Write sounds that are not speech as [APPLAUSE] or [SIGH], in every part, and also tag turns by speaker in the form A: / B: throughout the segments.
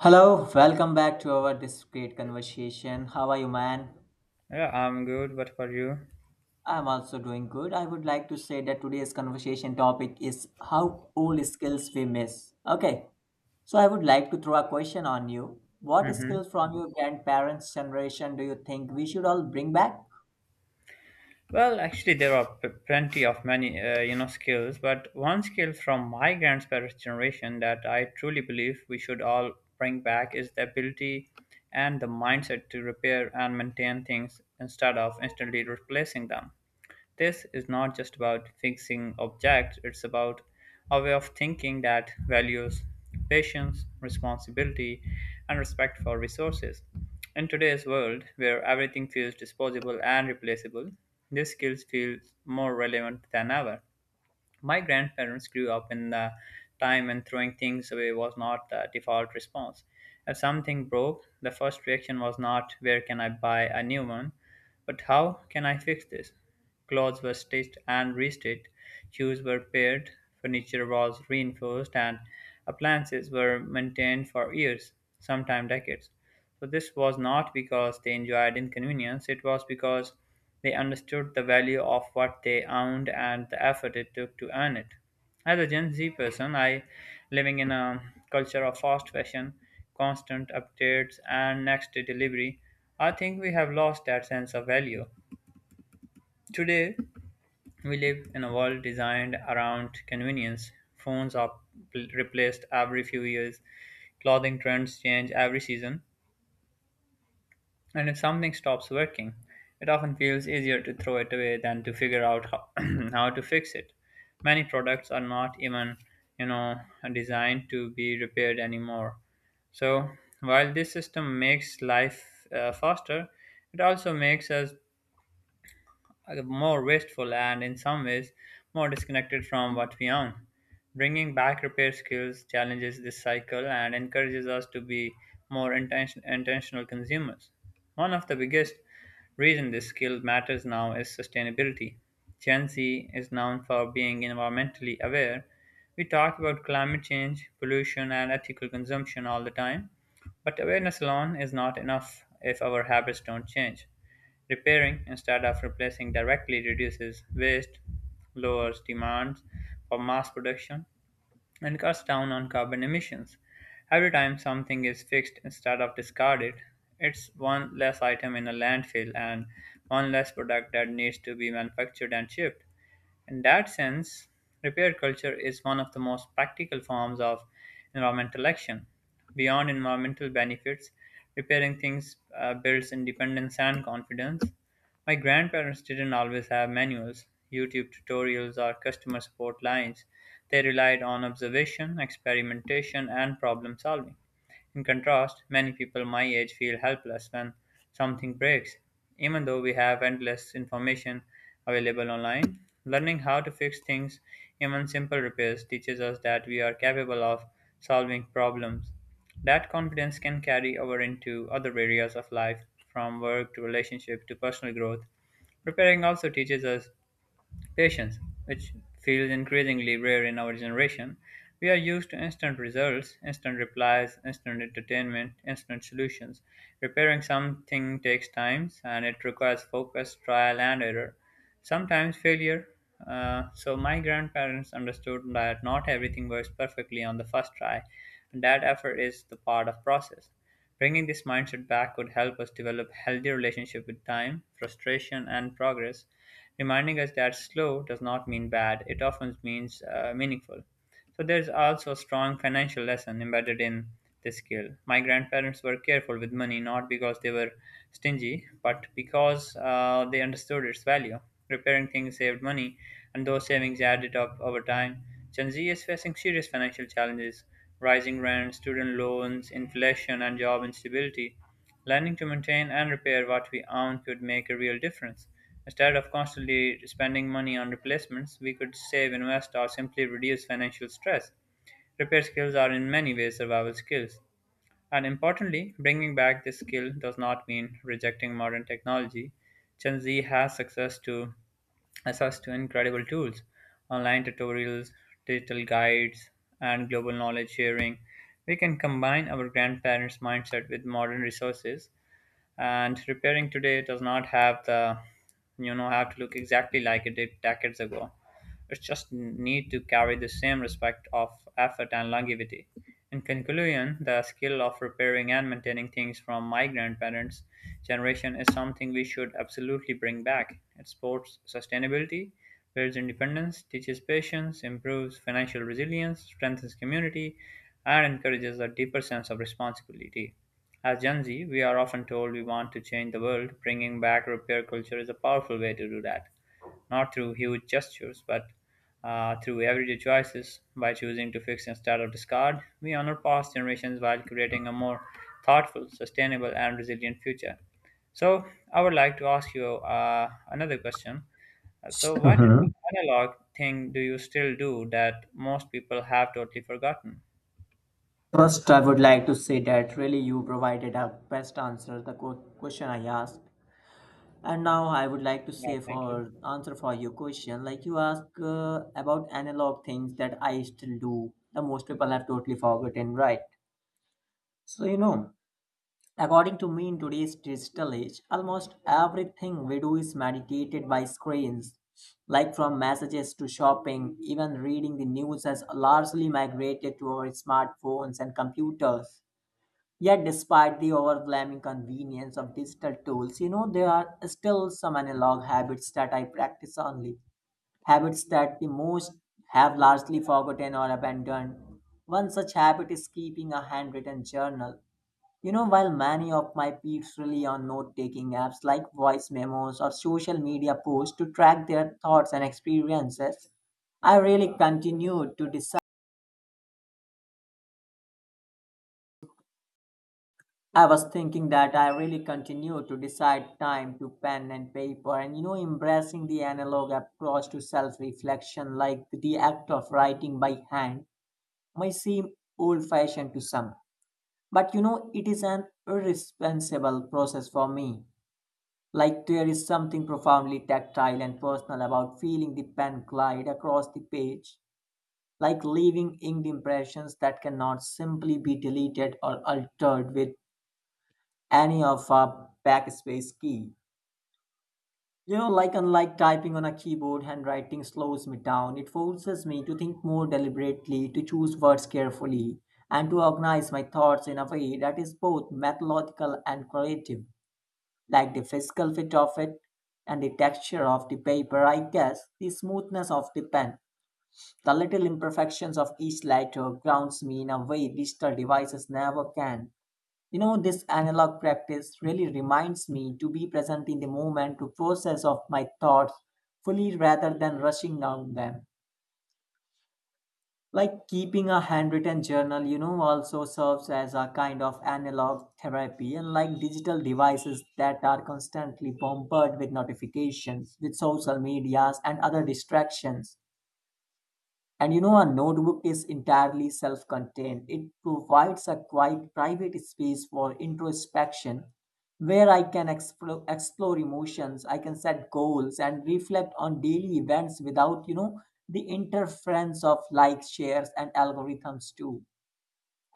A: Hello, welcome back to our this great conversation. How are you, man?
B: Yeah, I'm good. What about you?
A: I'm also doing good. I would like to say that today's conversation topic is how old skills we miss. Okay, so I would like to throw a question on you. What
B: hmm
A: skills from your grandparents' generation do you think we should all bring back?
B: There are plenty of many, skills. But one skill from my grandparents' generation that I truly believe we should all bring back is the ability and the mindset to repair and maintain things instead of instantly replacing them. This is not just about fixing objects, it's about a way of thinking that values patience, responsibility, and respect for resources. In today's world, where everything feels disposable and replaceable, these skills feel more relevant than ever. My grandparents grew up in the time when throwing things away was not the default response. If something broke, the first reaction was not where can I buy a new one, but how can I fix this? Clothes were stitched and restitched, shoes were paired, furniture was reinforced, and appliances were maintained for years, sometimes decades. So, this was not because they enjoyed inconvenience, it was because they understood the value of what they owned and the effort it took to earn it. As a Gen Z person, I living in a culture of fast fashion, constant updates, and next day delivery, I think we have lost that sense of value. Today, we live in a world designed around convenience. Phones are replaced every few years, clothing trends change every season, and if something stops working, it often feels easier to throw it away than to figure out how, [CLEARS THROAT] how to fix it. Many products are not even, you know, designed to be repaired anymore. So, while this system makes life faster, it also makes us more wasteful and, in some ways, more disconnected from what we own. Bringing back repair skills challenges this cycle and encourages us to be more intentional consumers. One of the biggest reasons this skill matters now is sustainability. Gen Z is known for being environmentally aware. We talk about climate change, pollution, and ethical consumption all the time, but awareness alone is not enough if our habits don't change. Repairing instead of replacing directly reduces waste, lowers demands for mass production, and cuts down on carbon emissions. Every time something is fixed instead of discarded, it's one less item in a landfill and one less product that needs to be manufactured and shipped. In that sense, repair culture is one of the most practical forms of environmental action. Beyond environmental benefits, repairing things builds independence and confidence. My grandparents didn't always have manuals, YouTube tutorials, or customer support lines. They relied on observation, experimentation, and problem solving. In contrast, many people my age feel helpless when something breaks. Even though we have endless information available online, learning how to fix things, even simple repairs, teaches us that we are capable of solving problems. That confidence can carry over into other areas of life, from work to relationship to personal growth. Preparing also teaches us patience, which feels increasingly rare in our generation. We are used to instant results, instant replies, instant entertainment, instant solutions. Repairing something takes time and it requires focus, trial, and error. Sometimes failure. So, my grandparents understood that not everything works perfectly on the first try, and that effort is the part of process. Bringing this mindset back could help us develop healthy relationship with time, frustration, and progress, reminding us that slow does not mean bad, it often means meaningful. So there's also a strong financial lesson embedded in this skill. My grandparents were careful with money not because they were stingy, but because they understood its value. Repairing things saved money, and those savings added up over time. Gen Z is facing serious financial challenges: rising rent, student loans, inflation, and job instability. Learning to maintain and repair what we own could make a real difference. Instead of constantly spending money on replacements, we could save, invest, or simply reduce financial stress. Repair skills are in many ways survival skills. And importantly, bringing back this skill does not mean rejecting modern technology. Gen Z has access to incredible tools, online tutorials, digital guides, and global knowledge sharing. We can combine our grandparents' mindset with modern resources, and repairing today does not have the have to look exactly like it did decades ago. It just need to carry the same respect of effort and longevity. In conclusion, the skill of repairing and maintaining things from my grandparents generation is something we should absolutely bring back. It supports sustainability, builds independence, teaches patience, improves financial resilience, strengthens community, and encourages a deeper sense of responsibility. As Gen Z, we are often told we want to change the world. Bringing back repair culture is a powerful way to do that, not through huge gestures, but through everyday choices. By choosing to fix instead of discard, we honor past generations while creating a more thoughtful, sustainable, and resilient future. So, I would like to ask you another question. So, what
A: Mhm.
B: analog thing do you still do that most people have totally forgotten?
A: First, I would like to say that really you provided a best answer to the question I asked. And now I would like to
B: Yeah,
A: say
B: thank you.
A: for answer for your question, like you ask about analog things that I still do. The most people have totally forgotten, right? So you know, according to me, in today's digital age, almost everything we do is mediated by screens. Like from messages to shopping, even reading the news has largely migrated to our smartphones and computers. Yet, despite the overwhelming convenience of digital tools, you know, there are still some analog habits that I practice only. Habits that the most have largely forgotten or abandoned. One such habit is keeping a handwritten journal. You know, while many of my peers rely on note taking apps like voice memos or social media posts to track their thoughts and experiences, I really continued to decide I was thinking that I really continue to decide time to pen and paper, and you know, embracing the analog approach to self-reflection. Like the act of writing by hand may seem old-fashioned to some, but you know, it is an irresponsible process for me. Like there is something profoundly tactile and personal about feeling the pen glide across the page, like leaving inked impressions that cannot simply be deleted or altered with any of a backspace key. You know, like unlike typing on a keyboard, handwriting slows me down. It forces me to think more deliberately, to choose words carefully, and to organize my thoughts in a way that is both methodical and creative. Like the physical fit of it and the texture of the paper, I guess, the smoothness of the pen. The little imperfections of each letter grounds me in a way digital devices never can. You know, this analog practice really reminds me to be present in the moment to process of my thoughts fully rather than rushing down them. Like keeping a handwritten journal, you know, also serves as a kind of analog therapy, and like digital devices that are constantly bombarded with notifications, with social medias, and other distractions. And you know, a notebook is entirely self contained. It provides a quiet, private space for introspection where I can explore emotions. I can set goals and reflect on daily events without, you know, the interference of likes, shares, and algorithms too.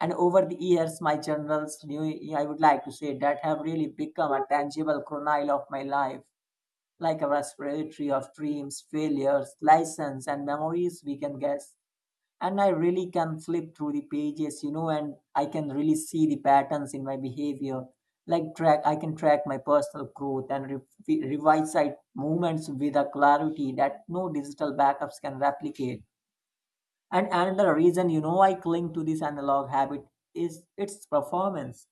A: And over the years, my journals, I would like to say, that have really become a tangible chronicle of my life, like a respiratory of dreams, failures, lessons, and memories we can guess. And I really can flip through the pages, you know, and I can really see the patterns in my behavior. Like track I can track my personal growth and revise site movements with a clarity that no digital backups can replicate. And another reason, you know, I cling to this analog habit is its performance.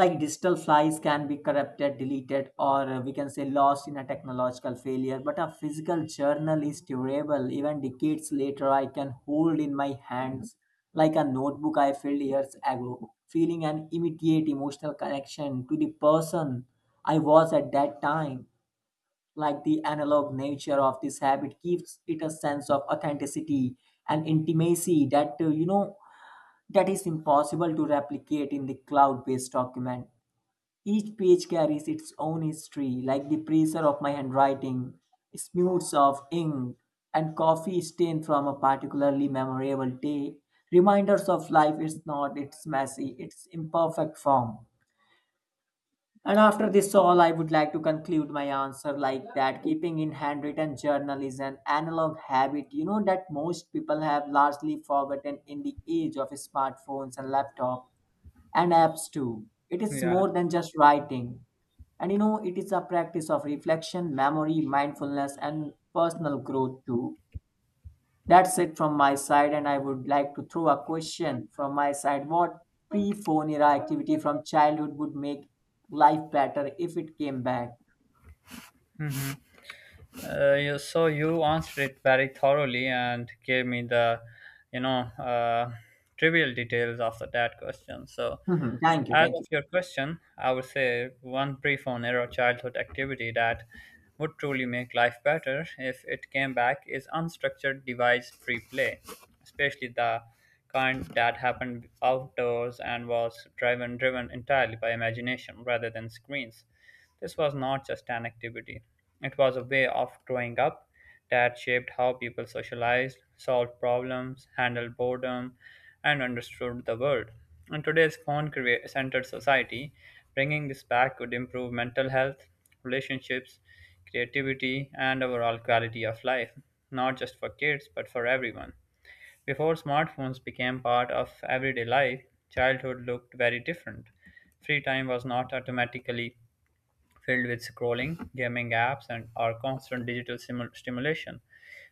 A: Like digital files can be corrupted, deleted, or we can say lost in a technological failure, but a physical journal is durable. Even decades later, I can hold in my hands like a notebook I filled years ago, feeling an immediate emotional connection to the person I was at that time. Like the analog nature of this habit gives it a sense of authenticity and intimacy that that is impossible to replicate in the cloud based document. Each page carries its own history, like the pressure of my handwriting, smears of ink, and coffee stain from a particularly memorable day. Reminders of life is not its messy, its imperfect form. And after this all, I would like to conclude my answer like that keeping in handwritten journal is an analog habit, you know, that most people have largely forgotten in the age of smartphones and laptops and apps too. It is
B: Yeah.
A: more than just writing. And you know, it is a practice of reflection, memory, mindfulness, and personal growth too. That's it from my side, and I would like to throw a question from my side. What pre phone era activity from childhood would make life better if it came back?
B: So you answered it very thoroughly and gave me the, you know, uh, trivial details of that question. So,
A: Mhm. Thank you.
B: as
A: Thank you.
B: of your question, I would say one brief on or childhood activity that would truly make life better if it came back is unstructured device free play, especially the kind that happened outdoors and was driven entirely by imagination rather than screens. This was not just an activity, it was a way of growing up that shaped how people socialized, solved problems, handled boredom, and understood the world. In today's phone centered society, bringing this back would improve mental health, relationships, creativity, and overall quality of life, not just for kids but for everyone. Before smartphones became part of everyday life, childhood looked very different. Free time was not automatically filled with scrolling, gaming apps, and our constant digital stimulation.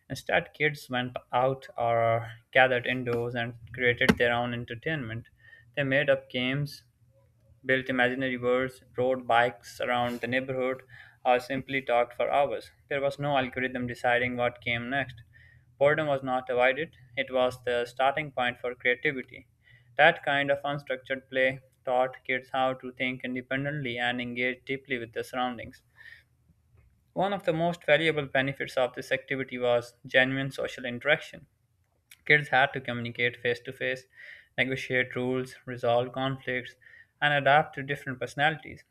B: Instead, kids went out or gathered indoors and created their own entertainment. They made up games, built imaginary worlds, rode bikes around the neighborhood, or simply talked for hours. There was no algorithm deciding what came next. Boredom was not avoided, it was the starting point for creativity. That kind of unstructured play taught kids how to think independently and engage deeply with their surroundings. One of the most valuable benefits of this activity was genuine social interaction. Kids had to communicate face to face, negotiate rules, resolve conflicts, and adapt to different personalities.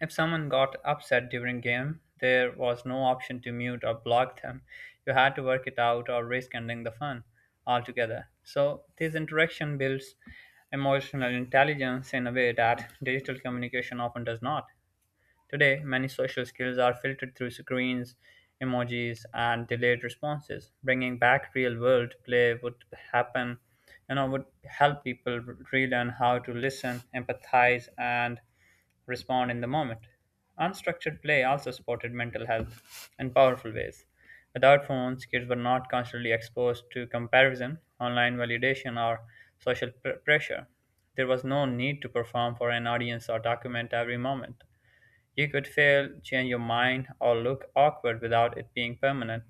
B: If someone got upset during game, there was no option to mute or block them. You had to work it out or risk ending the fun altogether. So this interaction builds emotional intelligence in a way that digital communication often does not. Today, many social skills are filtered through screens, emojis, and delayed responses. Bringing back real world play would happen, would help people relearn how to listen, empathize, and respond in the moment. Unstructured play also supported mental health in powerful ways. Without phones, kids were not constantly exposed to comparison, online validation, or social pressure. There was no need to perform for an audience or document every moment. You could fail, change your mind, or look awkward without it being permanent.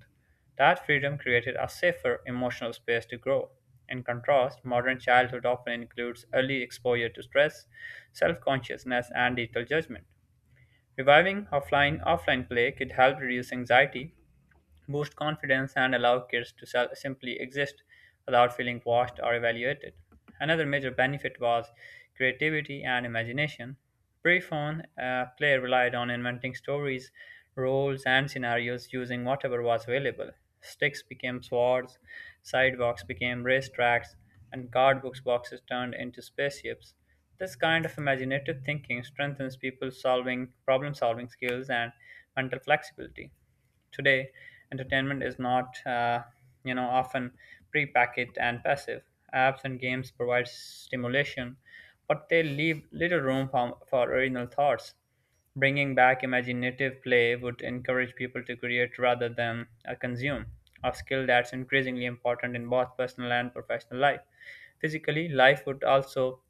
B: That freedom created a safer emotional space to grow. In contrast, modern childhood often includes early exposure to stress, self consciousness, and digital judgment. Reviving offline play could help reduce anxiety, boost confidence, and allow kids to simply exist without feeling watched or evaluated. Another major benefit was creativity and imagination. Pre-phone play relied on inventing stories, roles, and scenarios using whatever was available. Sticks became swords, sidewalks became racetracks, and cardboard boxes turned into spaceships. This kind of imaginative thinking strengthens people's solving problem solving skills and mental flexibility. Today, entertainment is not, you know, often prepackaged and passive. Apps and games provide stimulation, but they leave little room for original thoughts. Bringing back imaginative play would encourage people to create rather than consume, a skill that's increasingly important in both personal and professional life. Physically, life would also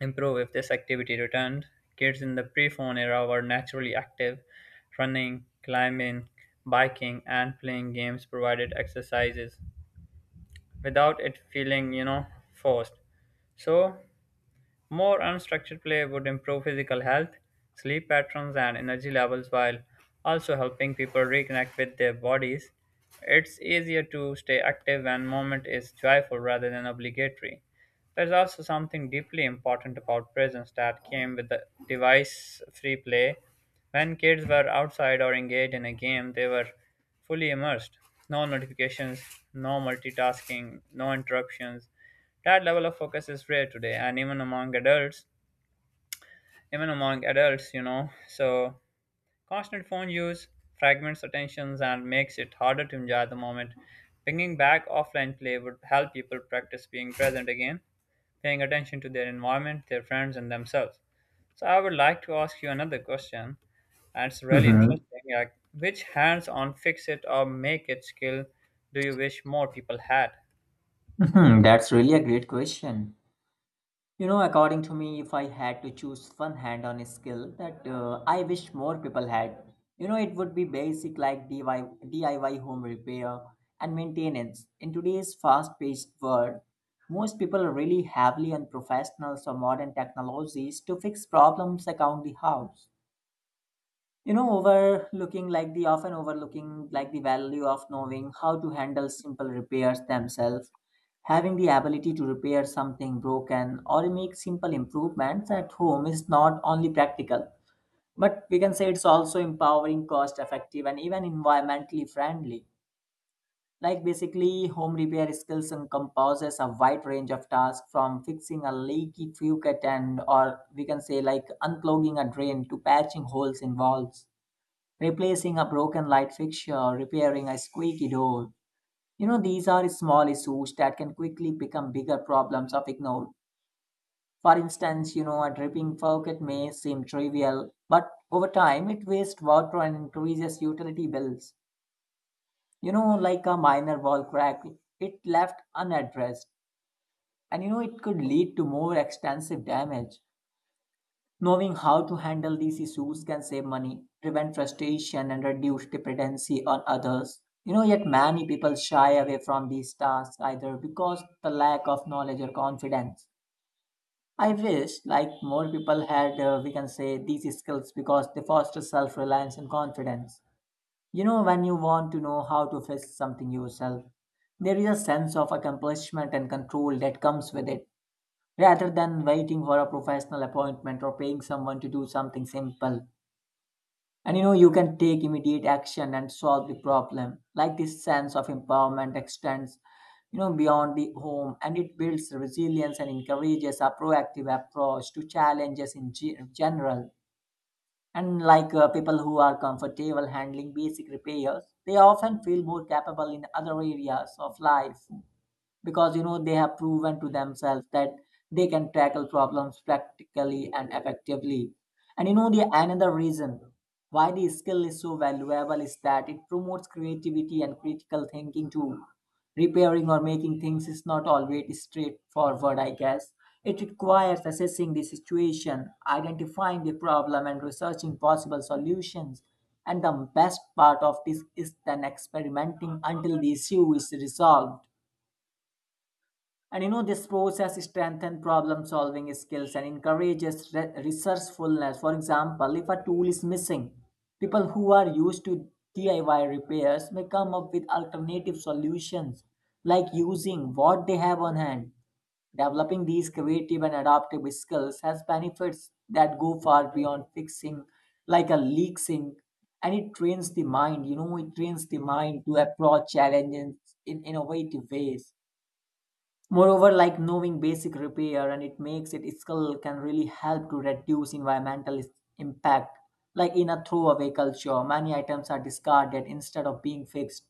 B: improve if this activity returned. Kids in the pre phone era were naturally active, running, climbing, biking, and playing games provided exercises without it feeling, forced. So more unstructured play would improve physical health, sleep patterns, and energy levels while also helping people reconnect with their bodies. It's easier to stay active when movement is joyful rather than obligatory. There's also something deeply important about presence that came with the device free play. When kids were outside or engaged in a game, they were fully immersed. No notifications, no multitasking, no interruptions. That level of focus is rare today and even among adults, even among adults you know so constant phone use fragments attentions and makes it harder to enjoy the moment. Bringing back offline play would help people practice being present again, paying attention to their environment, their friends, and themselves. So I would like to ask you another question, and it's really
A: Mhm.
B: interesting, which hands-on fix it or make it skill do you wish more people had?
A: Mhm. That's really a great question. You know, according to me, if I had to choose one hand on skill that I wish more people had, you know, it would be basic like DIY home repair and maintenance. In today's fast paced world, most people rely heavily on professionals or modern technologies to fix problems around the house, you know, overlooking like the often overlooking like the value of knowing how to handle simple repairs themselves. Having the ability to repair something broken or make simple improvements at home is not only practical, but we can say it's also empowering, cost effective, and even environmentally friendly. Like basically home repair skills encompasses a wide range of tasks, from fixing a leaky faucet and or we can say like unclogging a drain, to patching holes in walls, replacing a broken light fixture, repairing a squeaky door. You know, these are small issues that can quickly become bigger problems if ignored. For instance, you know, a dripping faucet may seem trivial, but over time it wastes water and increases utility bills. You know, like a minor wall crack, it left unaddressed, and you know, it could lead to more extensive damage. Knowing how to handle these issues can save money, prevent frustration, and reduce dependency on others. You know, yet many people shy away from these tasks either because the lack of knowledge or confidence. I wish like more people had, we can say, these skills because they foster self-reliance and confidence. You know, when you want to know how to fix something yourself, there is a sense of accomplishment and control that comes with it rather than waiting for a professional appointment or paying someone to do something simple. And you know, you can take immediate action and solve the problem. Like this sense of empowerment extends, you know, beyond the home, and it builds resilience and encourages a proactive approach to challenges in general. And like people who are comfortable handling basic repairs, they often feel more capable in other areas of life, because you know they have proven to themselves that they can tackle problems practically and effectively. And you know, the another reason why the skill is so valuable is that it promotes creativity and critical thinking too. Repairing or making things is not always straightforward, I guess. It requires assessing the situation, identifying the problem, and researching possible solutions. And the best part of this is then experimenting until the issue is resolved. And you know, this process strengthens problem solving skills and encourages resourcefulness. For example, if a tool is missing, people who are used to DIY repairs may come up with alternative solutions like using what they have on hand. Developing these creative and adaptive skills has benefits that go far beyond fixing, like a leak sink, and it trains the mind. You know, it trains the mind to approach challenges in innovative ways. Moreover, like knowing basic repair and it makes it skill can really help to reduce environmental impact. Like in a throwaway culture, many items are discarded instead of being fixed.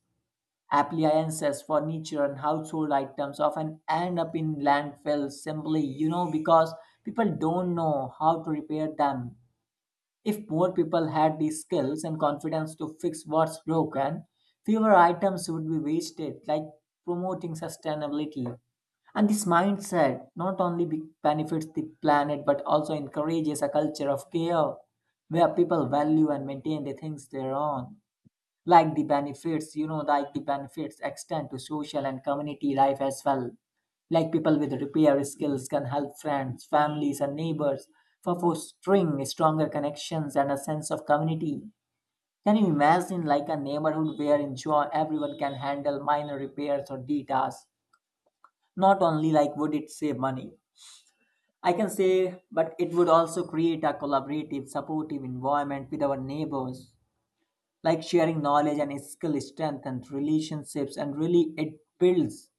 A: Appliances, furniture, and household items often end up in landfills simply, you know, because people don't know how to repair them. If more people had the skills and confidence to fix what's broken, fewer items would be wasted, like promoting sustainability. And this mindset not only benefits the planet but also encourages a culture of care where people value and maintain the things they own. Like the benefits, you know, like the benefits extend to social and community life as well. Like people with repair skills can help friends, families, and neighbors for fostering stronger connections and a sense of community. Can you imagine like a neighborhood where in enjoy everyone can handle minor repairs or D tasks? Not only like would it save money, I can say, but it would also create a collaborative, supportive environment with our neighbors. Like sharing knowledge and skill strengthens relationships and really it builds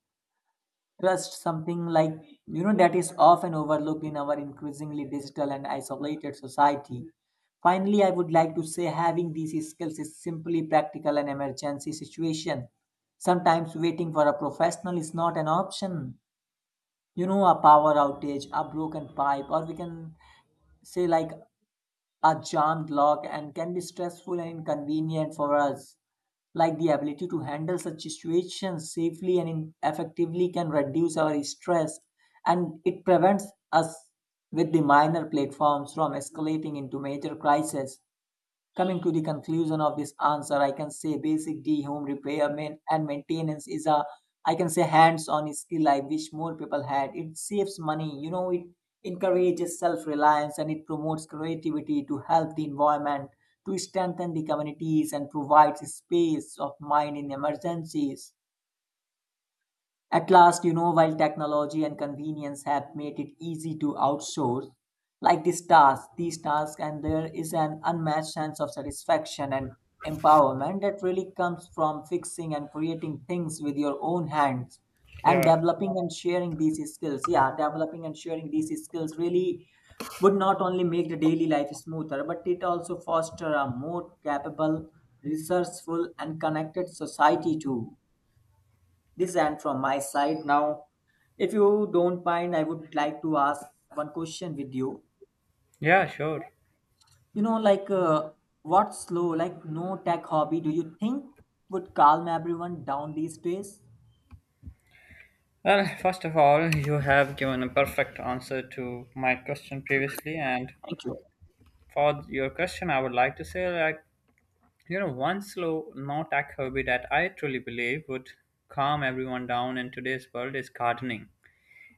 A: trust, something like, you know, that is often overlooked in our increasingly digital and isolated society. Finally, I would like to say having these skills is simply practical in emergency situation. Sometimes waiting for a professional is not an option. You know, a power outage, a broken pipe, or we can say like a jammed lock and can be stressful and inconvenient for us. Like the ability to handle such situations safely and effectively can reduce our stress and it prevents us with the minor platforms from escalating into major crises. Coming to the conclusion of this answer, I can say basic D home repair maintenance is a I can say hands-on skill I wish more people had. It saves money, you know, it encourages self-reliance and it promotes creativity to help the environment, to strengthen the communities and provides space of mind in emergencies. At last, you know, while technology and convenience have made it easy to outsource, like these tasks, and there is an unmatched sense of satisfaction and empowerment that really comes from fixing and creating things with your own hands and
B: Yeah,
A: developing and sharing these skills. Yeah, developing and sharing these skills really would not only make the daily life smoother, but it also foster a more capable, resourceful, and connected society too. This and from my side now, if you don't mind, I would like to ask one question with you.
B: yeah, sure.
A: You know, like what slow, like no tech hobby do you think would calm everyone down these days?
B: Well, first of all, you have given a perfect answer to my question previously, and
A: Thank you.
B: for your question, I would like to say, one slow, no tech hobby that I truly believe would calm everyone down in today's world is gardening.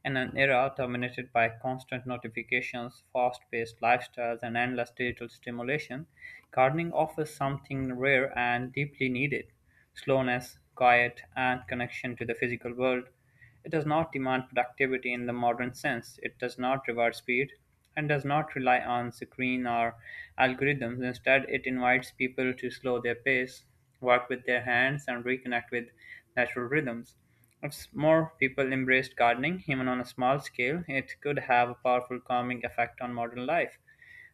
B: In an era dominated by constant notifications, fast-paced lifestyles, and endless digital stimulation, gardening offers something rare and deeply needed: slowness, quiet, and connection to the physical world. It does not demand productivity in the modern sense. It does not reward speed and does not rely on screen or algorithms. Instead, it invites people to slow their pace, work with their hands, and reconnect with natural rhythms. If more people embraced gardening, even on a small scale, it could have a powerful calming effect on modern life.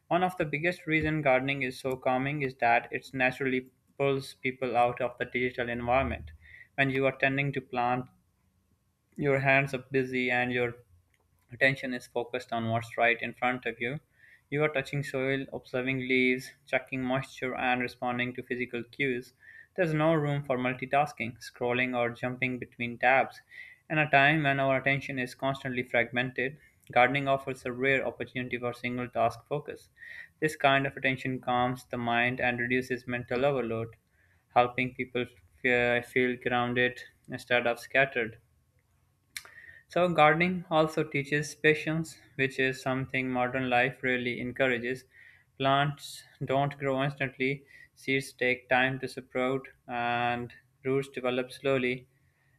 B: One of the biggest reasons gardening is so calming is that it naturally pulls people out of the digital environment. When you are tending to plant, your hands are busy and your attention is focused on what's right in front of you. You are touching soil, observing leaves, checking moisture, and responding to physical cues. There's no room for multitasking, scrolling, or jumping between tabs. In a time when our attention is constantly fragmented, gardening offers a rare opportunity for single task focus. This kind of attention calms the mind and reduces mental overload, helping people feel grounded instead of scattered. So, gardening also teaches patience, which is something modern life really encourages. Plants don't grow instantly, seeds take time to sprout, and roots develop slowly.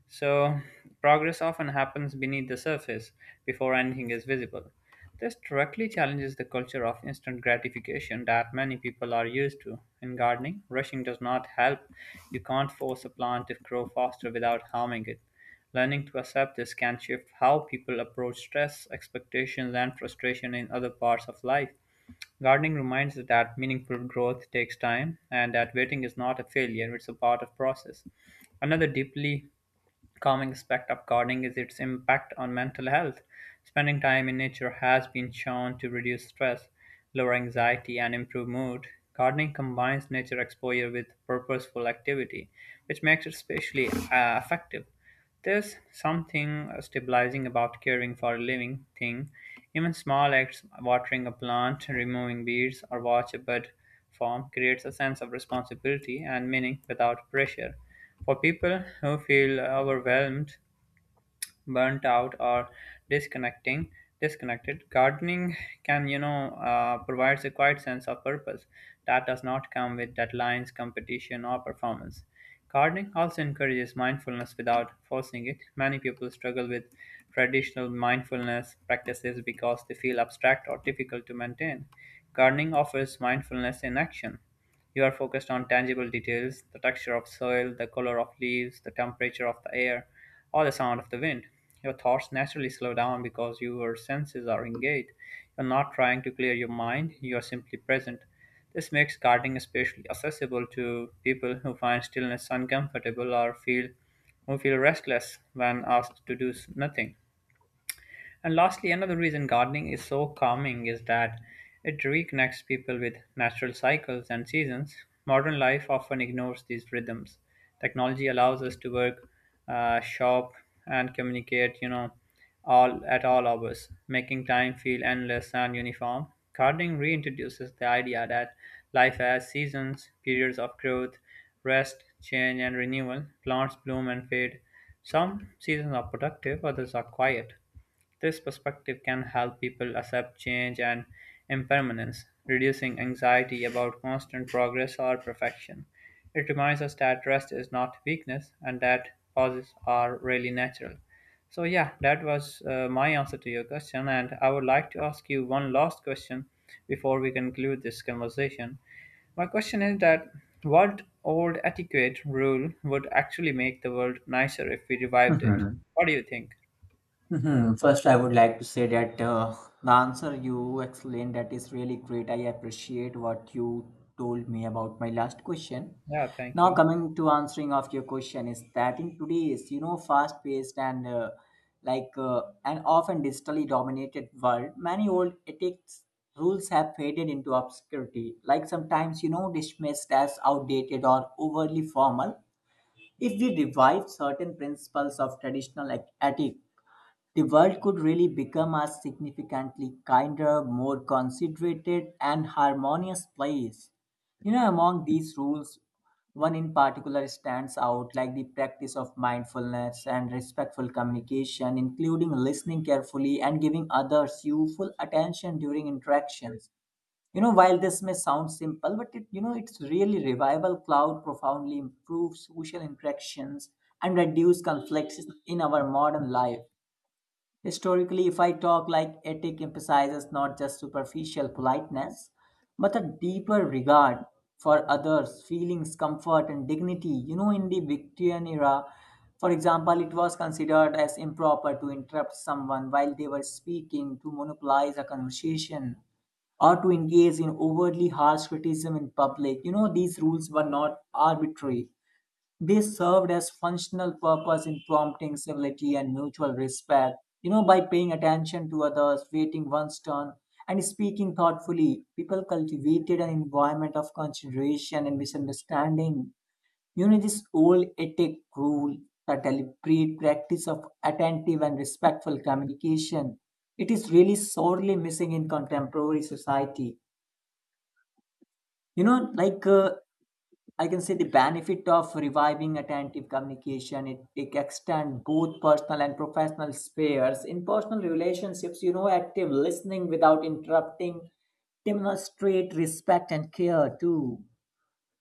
B: So, progress often happens beneath the surface before anything is visible. This directly challenges the culture of instant gratification that many people are used to. In gardening, rushing does not help. You can't force a plant to grow faster without harming it. Learning to accept this can shift how people approach stress, expectations, and frustration in other parts of life. Gardening reminds us that meaningful growth takes time and that waiting is not a failure, it's a part of process. Another deeply calming aspect of gardening is its impact on mental health. Spending time in nature has been shown to reduce stress, lower anxiety, and improve mood. Gardening combines nature exposure with purposeful activity, which makes it especially effective. There's something stabilizing about caring for a living thing. Even small acts, watering a plant, removing weeds, or watch a bud form, creates a sense of responsibility and meaning without pressure. For people who feel overwhelmed, burnt out, or disconnecting disconnected, gardening can, provides a quiet sense of purpose that does not come with deadlines, competition, or performance. Gardening also encourages mindfulness without forcing it. Many people struggle with traditional mindfulness practices because they feel abstract or difficult to maintain. Gardening offers mindfulness in action. You are focused on tangible details: the texture of soil, the color of leaves, the temperature of the air, or the sound of the wind. Your thoughts naturally slow down because your senses are engaged. You're not trying to clear your mind, you are simply present. This makes gardening especially accessible to people who find stillness uncomfortable or feel restless when asked to do nothing. And lastly, another reason gardening is so calming is that it reconnects people with natural cycles and seasons. Modern life often ignores these rhythms. Technology allows us to work, shop, and communicate, you know, all at all hours, making time feel endless and uniform. Gardening reintroduces the idea that life has seasons, periods of growth, rest, change, and renewal. Plants bloom and fade. Some seasons are productive, others are quiet. This perspective can help people accept change and impermanence, reducing anxiety about constant progress or perfection. It reminds us that rest is not weakness and that pauses are really natural. So, yeah, that was my answer to your question. And I would like to ask you one last question before we conclude this conversation. My question is that what old etiquette rule would actually make the world nicer if we revived it?
A: [LAUGHS]
B: What do you think?
A: First, I would like to say that the answer you explained that is really great. I appreciate what you told me about my last question.
B: Yeah, thank
A: Now,
B: you.
A: coming to answering of your question is that in today's, you know, fast-paced and an often digitally dominated world, many old ethics rules have faded into obscurity. Like sometimes, you know, dismissed as outdated or overly formal. If we revive certain principles of traditional like ethics the world could really become a significantly kinder, more considerate, and harmonious place. You know, among these rules, one in particular stands out like the practice of mindfulness and respectful communication, including listening carefully and giving others you full attention during interactions. You know, while this may sound simple, but it it's really revival cloud profoundly improves social interactions and reduce conflicts in our modern life. Historically, if I talk like ethic emphasizes not just superficial politeness, but a deeper regard for others, feelings, comfort, and dignity. You know, in the Victorian era, for example, it was considered as improper to interrupt someone while they were speaking, to monopolize a conversation, or to engage in overtly harsh criticism in public. You know, these rules were not arbitrary, they served as functional purpose in prompting civility and mutual respect. You know, by paying attention to others, waiting one's turn, and speaking thoughtfully, people cultivated an environment of consideration and misunderstanding. You know, this old ethic rule, the deliberate practice of attentive and respectful communication, it is really sorely missing in contemporary society. You know, like I can say the benefit of reviving attentive communication, it extends both personal and professional spheres. In personal relationships, you know, active listening without interrupting demonstrate respect and care too,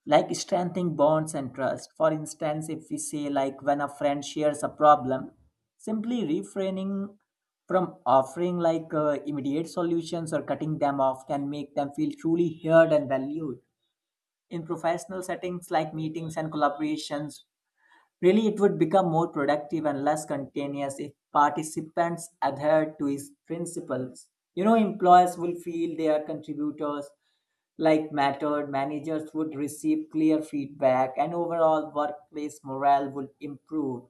A: like strengthening bonds and trust. For instance, if we say like when a friend shares a problem, simply refraining from offering like immediate solutions or cutting them off can make them feel truly heard and valued in professional settings like meetings and collaborations. Really, it would become more productive and less continuous if participants adhered to his principles. You know, employers will feel their contributors like mattered, managers would receive clear feedback, and overall workplace morale would improve.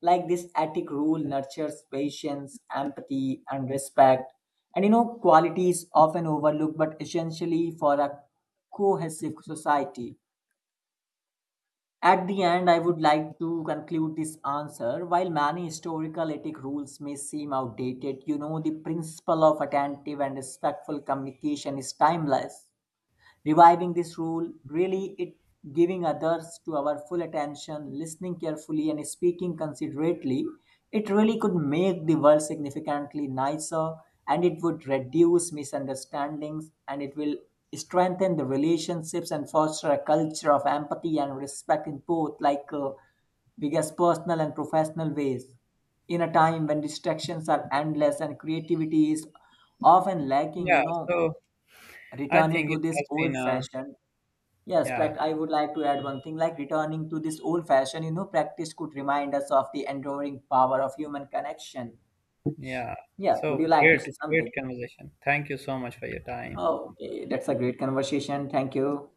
A: Like this ethic rule nurtures patience, empathy, and respect. And, you know, qualities often overlooked but essentially for a cohesive society. At the end, I would like to conclude this answer. While many historical ethic rules may seem outdated, you know, the principle of attentive and respectful communication is timeless, reviving this rule really it giving others to our full attention, listening carefully and speaking considerately, it really could make the world significantly nicer and it would reduce misunderstandings and it will strengthen the relationships and foster a culture of empathy and respect in both like biggest personal and professional ways in a time when distractions are endless and creativity is often lacking, you
B: Yeah,
A: know,
B: so I
A: returning
B: think
A: to
B: it
A: this
B: has been
A: old
B: a
A: fashioned Yes,
B: yeah,
A: I would like to add one thing like returning to this old fashioned, you know, practice could remind us of the enduring power of human connection.
B: yeah.
A: Yeah, would you
B: So
A: like to
B: great,
A: say something?
B: great conversation. Thank you so much for your time.
A: Oh, okay, that's a great conversation. Thank you.